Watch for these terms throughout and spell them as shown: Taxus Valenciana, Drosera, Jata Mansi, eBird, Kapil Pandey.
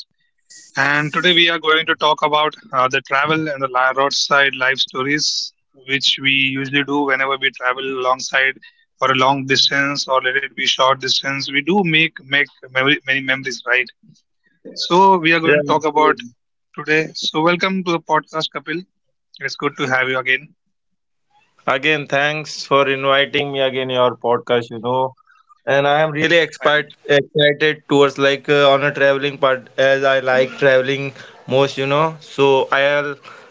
And today we are going to talk about the travel and the roadside life stories, which we usually do whenever we travel alongside for a long distance or let it be short distance. We do make memory, many memories, right? So, we are going to Yeah. talk about today. So, welcome to the podcast, Kapil. It's good to have you again. Again, thanks for inviting me again your podcast. And I am really Right. excited towards like on a traveling part as I like traveling most. So i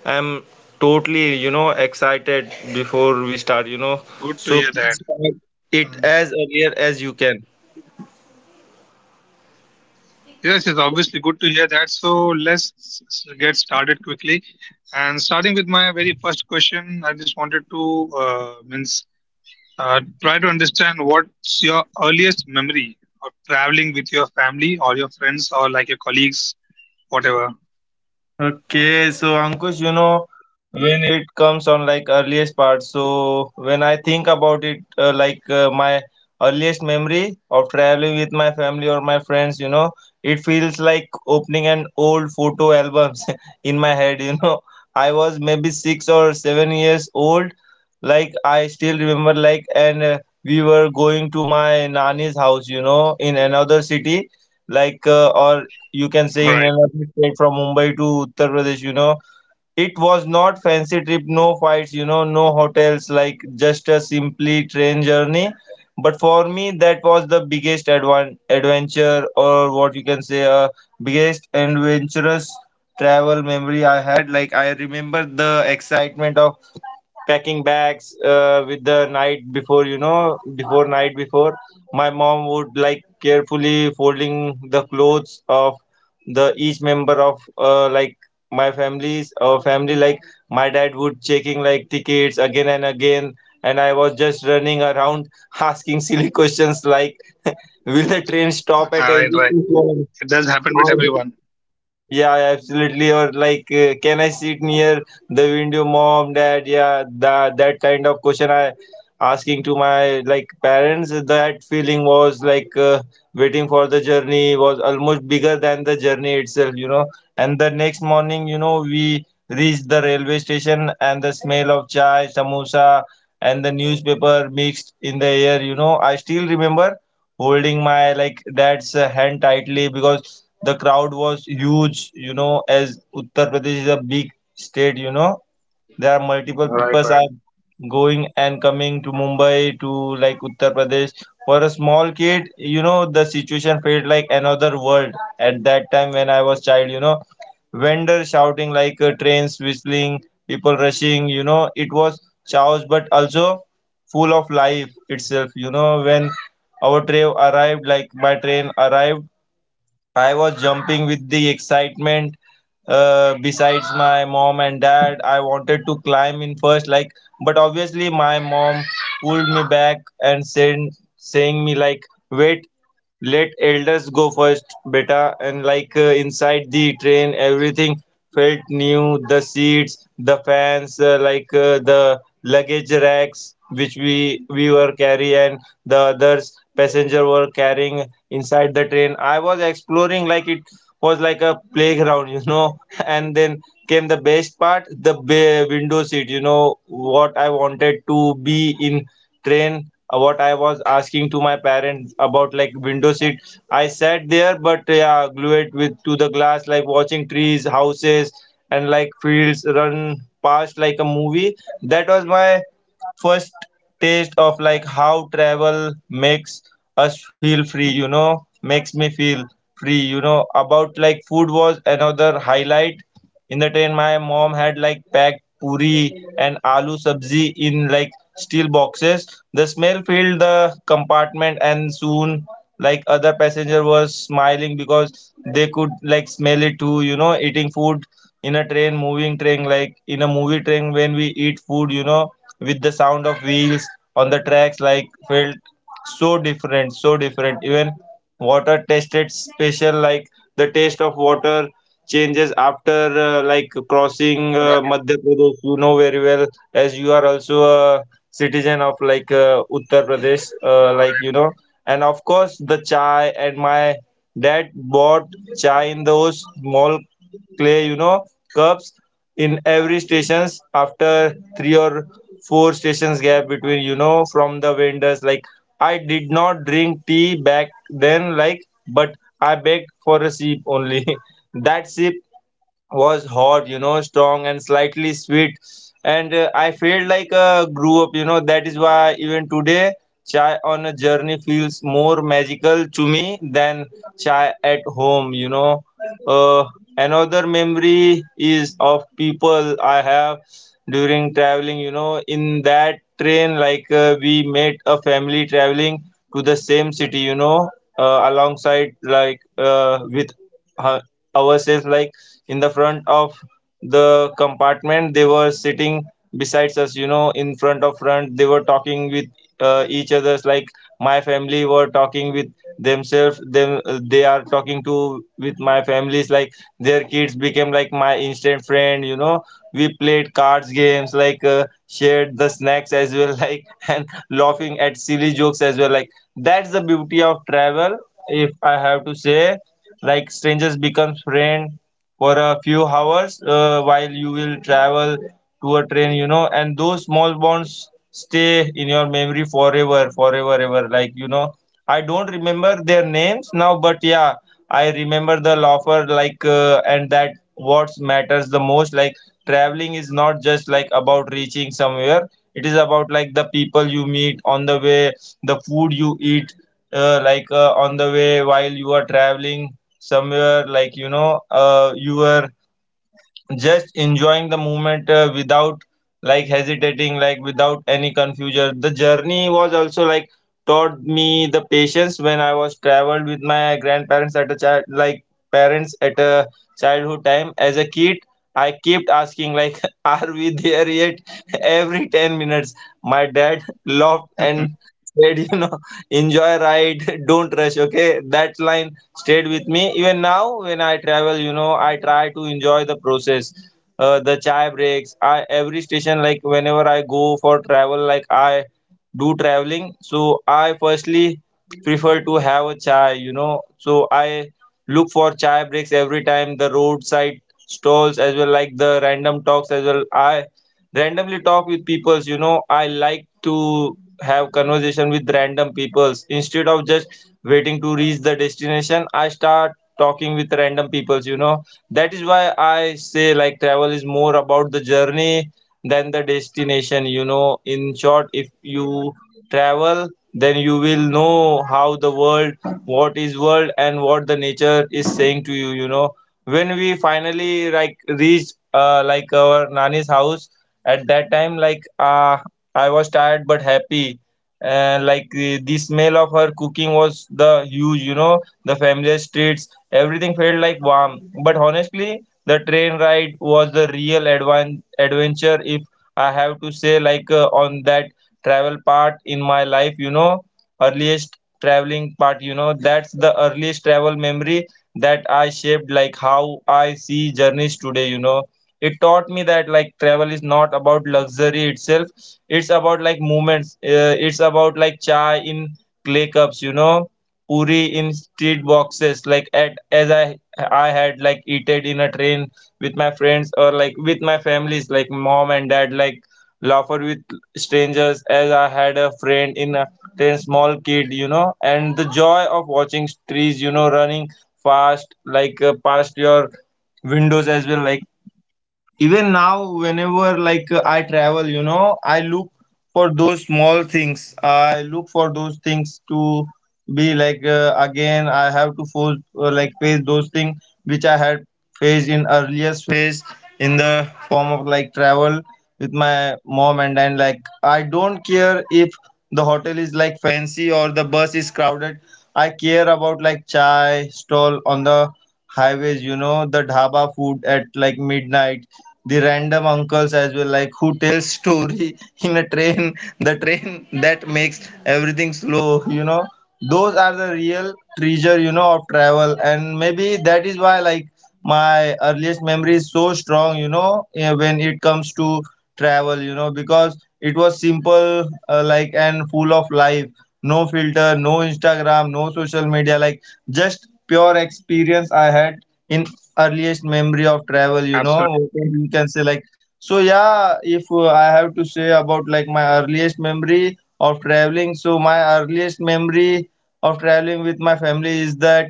I'm totally, excited before we start. Good to So hear please that. start it Mm. as earlier as you can. Yes, it's obviously good to hear that. So let's get started quickly. And starting with my very first question, I just wanted to means try to understand what's your earliest memory of traveling with your family or your friends or like your colleagues, whatever. Okay, so Ankush, when it comes on like earliest part, so when I think about it, my earliest memory of traveling with my family or my friends, it feels like opening an old photo albums in my head. I was maybe 6 or 7 years old, like I still remember, like, and we were going to my nani's house, in another city, like, or you can say in Right, right. another state from Mumbai to Uttar Pradesh. It was not fancy trip, no fights, no hotels, like just a simply train journey. But for me, that was the biggest advan adventure, or what you can say, biggest adventurous travel memory I had. Like I remember the excitement of packing bags with the night before you know before night before my mom would like carefully folding the clothes of the each member of my family's or family, like my dad would checking like tickets again and again, and I was just running around asking silly questions like will the train stop at Right, every right. station? It does happen with Or everyone. yeah, absolutely. Or like, can I sit near the window, mom, dad? Yeah, that kind of question I asking to my like parents. That feeling was like waiting for the journey was almost bigger than the journey itself. And the next morning, we reached the railway station, and the smell of chai, samosa, and the newspaper mixed in the air. You know, I still remember holding my like dad's hand tightly because the crowd was huge, as Uttar Pradesh is a big state. There are multiple Right, peoples are right, going and coming to Mumbai to like Uttar Pradesh. For a small kid, the situation felt like another world at that time when I was child. Vendors shouting like trains whistling, people rushing, it was chaos but also full of life itself. When our train arrived, like my train arrived, I was jumping with the excitement. Besides my mom and dad, I wanted to climb in first, like, but obviously my mom pulled me back and said, saying me like, "Wait, let elders go first beta, and like inside the train everything felt new, the seats, the fans, the luggage racks, which we were carrying and the others passenger were carrying inside the train. I was exploring, like it was like a playground, and then came the best part, the window seat, what I wanted to be in train. What I was asking to my parents about like window seat, I sat there, but yeah, glued with to the glass, like watching trees, houses, and like fields run past like a movie. That was my first taste of like how travel makes us feel free, makes me feel free, about like food was another highlight in the train. My mom had like packed puri and aloo sabzi in like steel boxes. The smell filled the compartment, and soon like other passenger were smiling because they could like smell it too, eating food in a train, moving train, like in a movie train when we eat food, with the sound of wheels on the tracks, like felt so different, so different. Even water tasted special, like the taste of water changes after like crossing right, Madhya Pradesh, very well, as you are also a citizen of like Uttar Pradesh, right, right. and of course the chai. And my dad bought chai in those small clay, cups, in every stations after three or four stations gap between, from the vendors, like I did not drink tea back then, like but I begged for a sip only. That sip was hot, you know, strong and slightly sweet. And I felt like grew up. That is why even today, chai on a journey feels more magical to me than chai at home. Uh, another memory is of people I have during traveling, in that train, like we met a family traveling to the same city, alongside like with her, ourselves, like in the front of the compartment they were sitting besides us, in front of front they were talking with each others, like my family were talking with themselves them, they are talking to with my families, like their kids became like my instant friend. We played cards games, like shared the snacks as well, like and laughing at silly jokes as well, like that's the beauty of travel, if I have to say, like strangers becomes friend for a few hours while you will travel to a train, and those small bonds stay in your memory forever forever ever, like, I don't remember their names now, but yeah, I remember the laughter, like and that what matters the most, like traveling is not just like about reaching somewhere, it is about like the people you meet on the way, the food you eat, on the way while you are traveling somewhere, like, you were just enjoying the moment without like hesitating, like without any confusion. The journey was also like taught me the patience when I was traveled with my grandparents at a child, like parents at a childhood time as a kid, I kept asking like are we there yet? every 10 minutes. My dad laughed and said, enjoy ride, don't rush. Okay, that line stayed with me. Even now, when I travel, I try to enjoy the process. The chai breaks. I every station, like whenever I go for travel, like I do traveling, so I firstly prefer to have a chai. So I look for chai breaks every time, the roadside stalls as well, like the random talks as well. I randomly talk with peoples. I like to have conversation with random peoples. Instead of just waiting to reach the destination, I start talking with random peoples. That is why I say like travel is more about the journey than the destination. In short, if you travel, then you will know how the world, what is world and what the nature is saying to you, you know. When we finally like reached like our nani's house at that time, like I was tired but happy, and like the smell of her cooking was the huge, the familiar streets, everything felt like warm. But honestly, the train ride was the real adventure, if I have to say, like on that travel part in my life, earliest traveling part, that's the earliest travel memory that I shaped, like how I see journeys today, it taught me that like travel is not about luxury itself, it's about like moments, it's about like chai in clay cups, puri in street boxes, like at as I had like eaten in a train with my friends, or like with my families, like mom and dad, like laughter with strangers, as I had a friend in a train, small kid, and the joy of watching trees, running fast, like past your windows as well. Like even now, whenever like I travel, I look for those small things, I look for those things to be like again I have to force like face those things which I had faced in earliest phase in the form of like travel with my mom. And then like I don't care if the hotel is like fancy or the bus is crowded. I care about like chai stall on the highways, the dhaba food at like midnight, the random uncles as well, like who tells story in a train, the train that makes everything slow, those are the real treasure, of travel. And maybe that is why like my earliest memory is so strong, when it comes to travel, because it was simple, like and full of life. No filter, no Instagram, No social media, like just pure experience I had in earliest memory of travel, Absolutely what right. you can say, like, so yeah, if I have to say about like my earliest memory of traveling, so my earliest memory of traveling with my family is that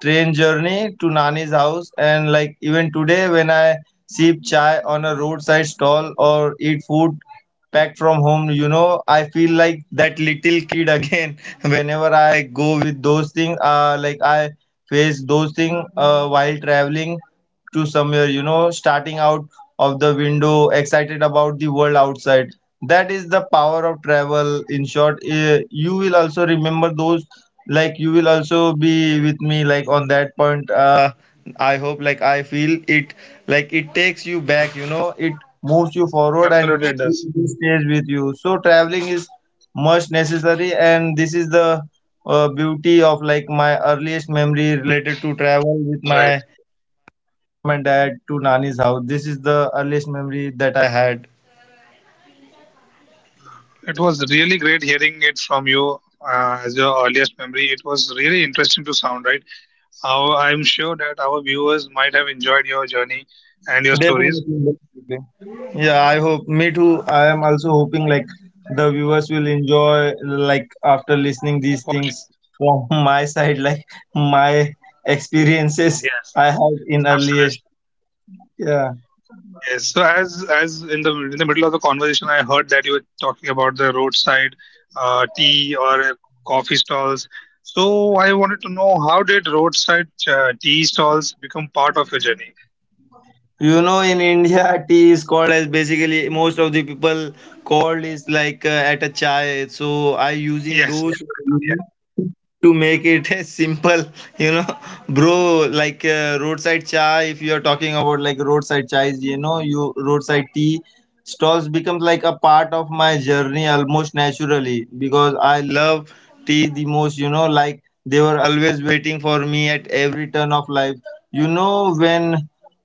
train journey to Nani's house. And like even today, when I sip chai on a roadside stall or eat food back from home, I feel like that little kid again whenever I go with those things, like I face those things while traveling to somewhere, you know, starting out of the window, excited about the world outside. That is the power of travel. In short, you will also remember those, like you will also be with me like on that point, uh, I hope, like I feel it, like it takes you back, you know, it moves you forward, and Absolutely, it does. it stays with you. So traveling is much necessary, and this is the beauty of like my earliest memory related to travel with Right. my mom and dad to Nani's house. This is the earliest memory that I had. It was really great hearing it from you as your earliest memory. It was really interesting to sound, right? How I'm sure that our viewers might have enjoyed your journey and your stories Definitely, definitely. Yeah, I hope me too. I am also hoping like the viewers will enjoy like after listening these for things sure. from my side, like my experiences Yes, I had in absolutely. earliest. Yeah. Yes. So as in the middle of the conversation, I heard that you were talking about the roadside tea or coffee stalls. So I wanted to know how did roadside tea stalls become part of your journey? You know, in India, tea is called as basically most of the people called is like at a chai. So I using Yes, those yes, I know. Yeah, to make it simple, you know bro, like roadside chai, if you are talking about like roadside chais, you know, you roadside tea stalls becomes like a part of my journey almost naturally because I love tea the most, you know, like they were always waiting for me at every turn of life, you know, when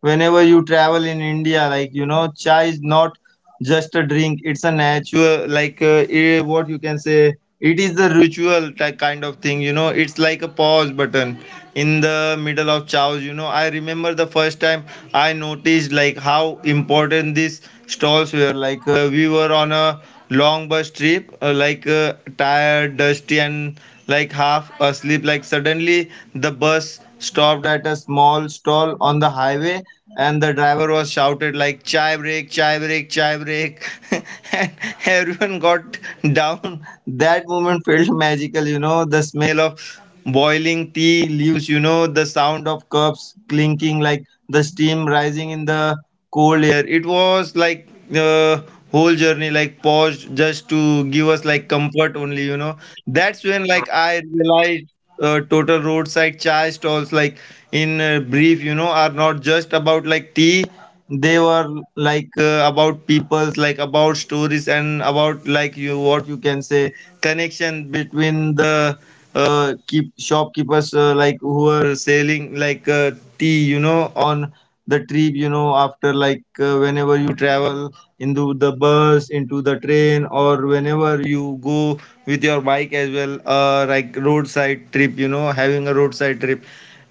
whenever you travel in India, like you know chai is not just a drink, it's a natural, like, what you can say, it is the ritual type kind of thing, you know, it's like a pause button in the middle of chows. You know, I remember the first time I noticed like how important these stalls were. Like, we were on a long bus trip, tired, dusty, and like half asleep. Like suddenly the bus stopped at a small stall on the highway, and the driver was shouted like, chai break, chai break, chai break, and everyone got down. That moment felt magical. You know, the smell of boiling tea leaves, you know, the sound of cups clinking, like the steam rising in the cold air. It was like the whole journey, like paused just to give us like comfort only, you know. That's when like right, I right. realized, total roadside chai stalls, like in brief, you know, are not just about like tea. They were like, about people's, like about stories, and about like, you, what you can say, connection between the keep shopkeepers, like who are selling like tea, you know, on the trip, you know, after like, whenever you travel into the bus, into the train, or whenever you go with your bike as well, like roadside trip, you know, having a roadside trip.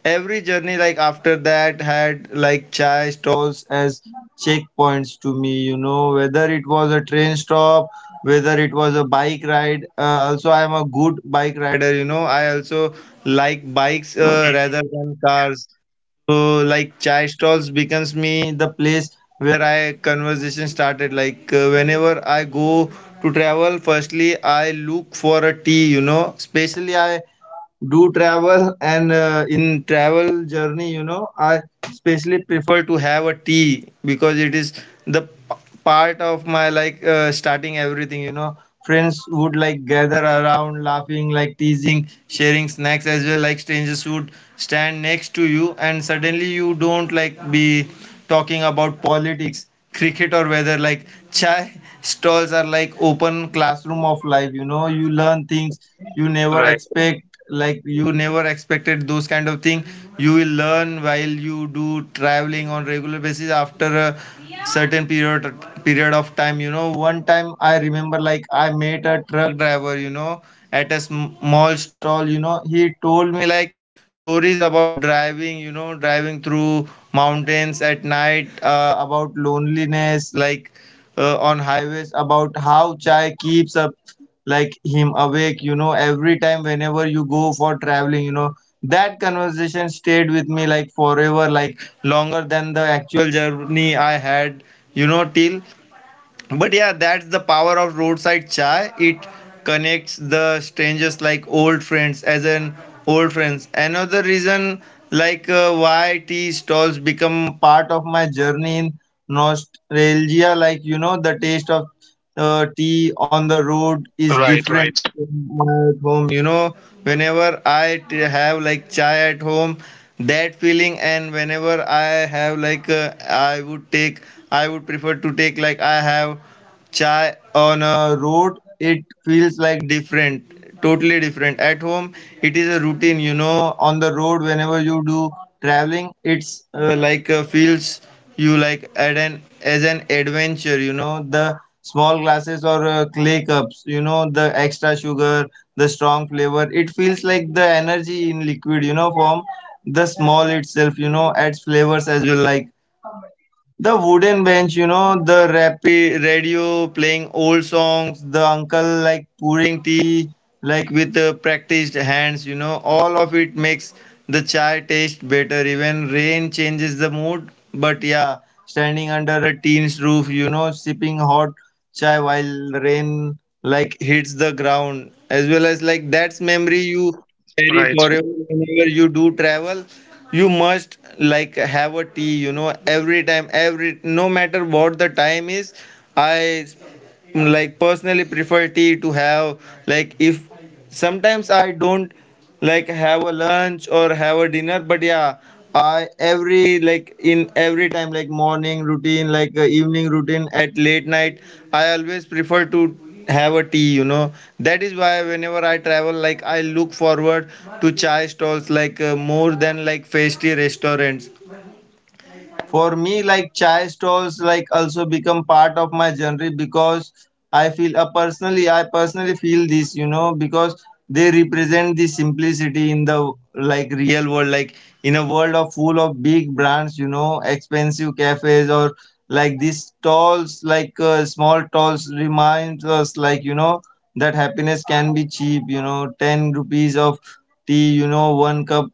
Every journey like after that had like chai stalls as checkpoints to me, you know, whether it was a train stop, whether it was a bike ride, also I am a good bike rider, you know, I also like bikes, rather Hmm. than cars. So like chai stalls becomes me the place where I conversation started. Like, whenever I go to travel, firstly I look for a tea, you know, especially I do travel, and in travel journey, you know, I especially prefer to have a tea because it is the part of my like, starting everything, you know. Friends would like gather around laughing, like teasing, sharing snacks as well, like strangers would stand next to you, and suddenly you don't like be talking about politics, cricket, or weather. Like chai stalls are like open classroom of life, you know, you learn things you never Right, expect, like you never expected those kind of thing you will learn while you do traveling on regular basis after a certain period of time. You know, one time I remember like I met a truck driver, you know, at a small stall. You know, he told me like stories about driving, you know, driving through mountains at night, about loneliness, like on highways, about how chai keeps up like him awake. You know, every time whenever you go for traveling, you know, that conversation stayed with me like forever, like longer than the actual journey I had, you know, till. But yeah, that's the power of roadside chai. It connects the strangers like old friends, as an old friends. Another reason like, why tea stalls become part of my journey in nostalgia, like, you know, the taste of tea on the road is right, different right, from my at home. You know, whenever I have like chai at home, that feeling, and whenever I have, like, I would prefer to take, like I have chai on a road, it feels like different, totally different. At home it is a routine, you know. On the road, whenever you do traveling, it's feels you like at an as an adventure. You know, the small glasses or clay cups, you know, the extra sugar, the strong flavor, it feels like the energy in liquid, you know, form. The small itself, you know, adds flavors as well, like the wooden bench, you know, the rapid radio playing old songs, the uncle like pouring tea, like with practiced hands, you know, all of it makes the chai taste better. Even rain changes the mood. But yeah, standing under a teen's roof, you know, sipping hot chai while rain like hits the ground, as well as like that's memory you carry right. forever. Whenever you do travel, you must like have a tea, you know, every time, every, no matter what the time is, I like personally prefer tea to have. Like, if sometimes I don't like have a lunch or have a dinner, but yeah, I every like in every time, like morning routine, like evening routine, at late night, I always prefer to have a tea, you know. That is why whenever I travel, like I look forward to chai stalls like, more than like tasty restaurants. For me, like chai stalls, like also become part of my journey because I feel, I personally feel this, you know, because they represent the simplicity in the like real world. Like in a world of full of big brands, you know, expensive cafes, or like these stalls, like, small stalls, reminds us, like, you know, that happiness can be cheap, you know, 10 rupees of tea, you know, one cup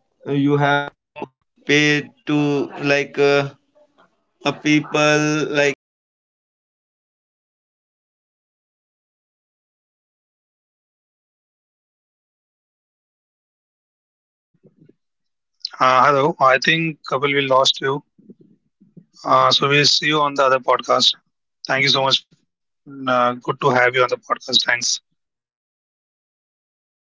Hello. I think Kapil, we lost you. So we'll see you on the other podcast. Thank you so much. Mm. Good to have you on the podcast. Thanks.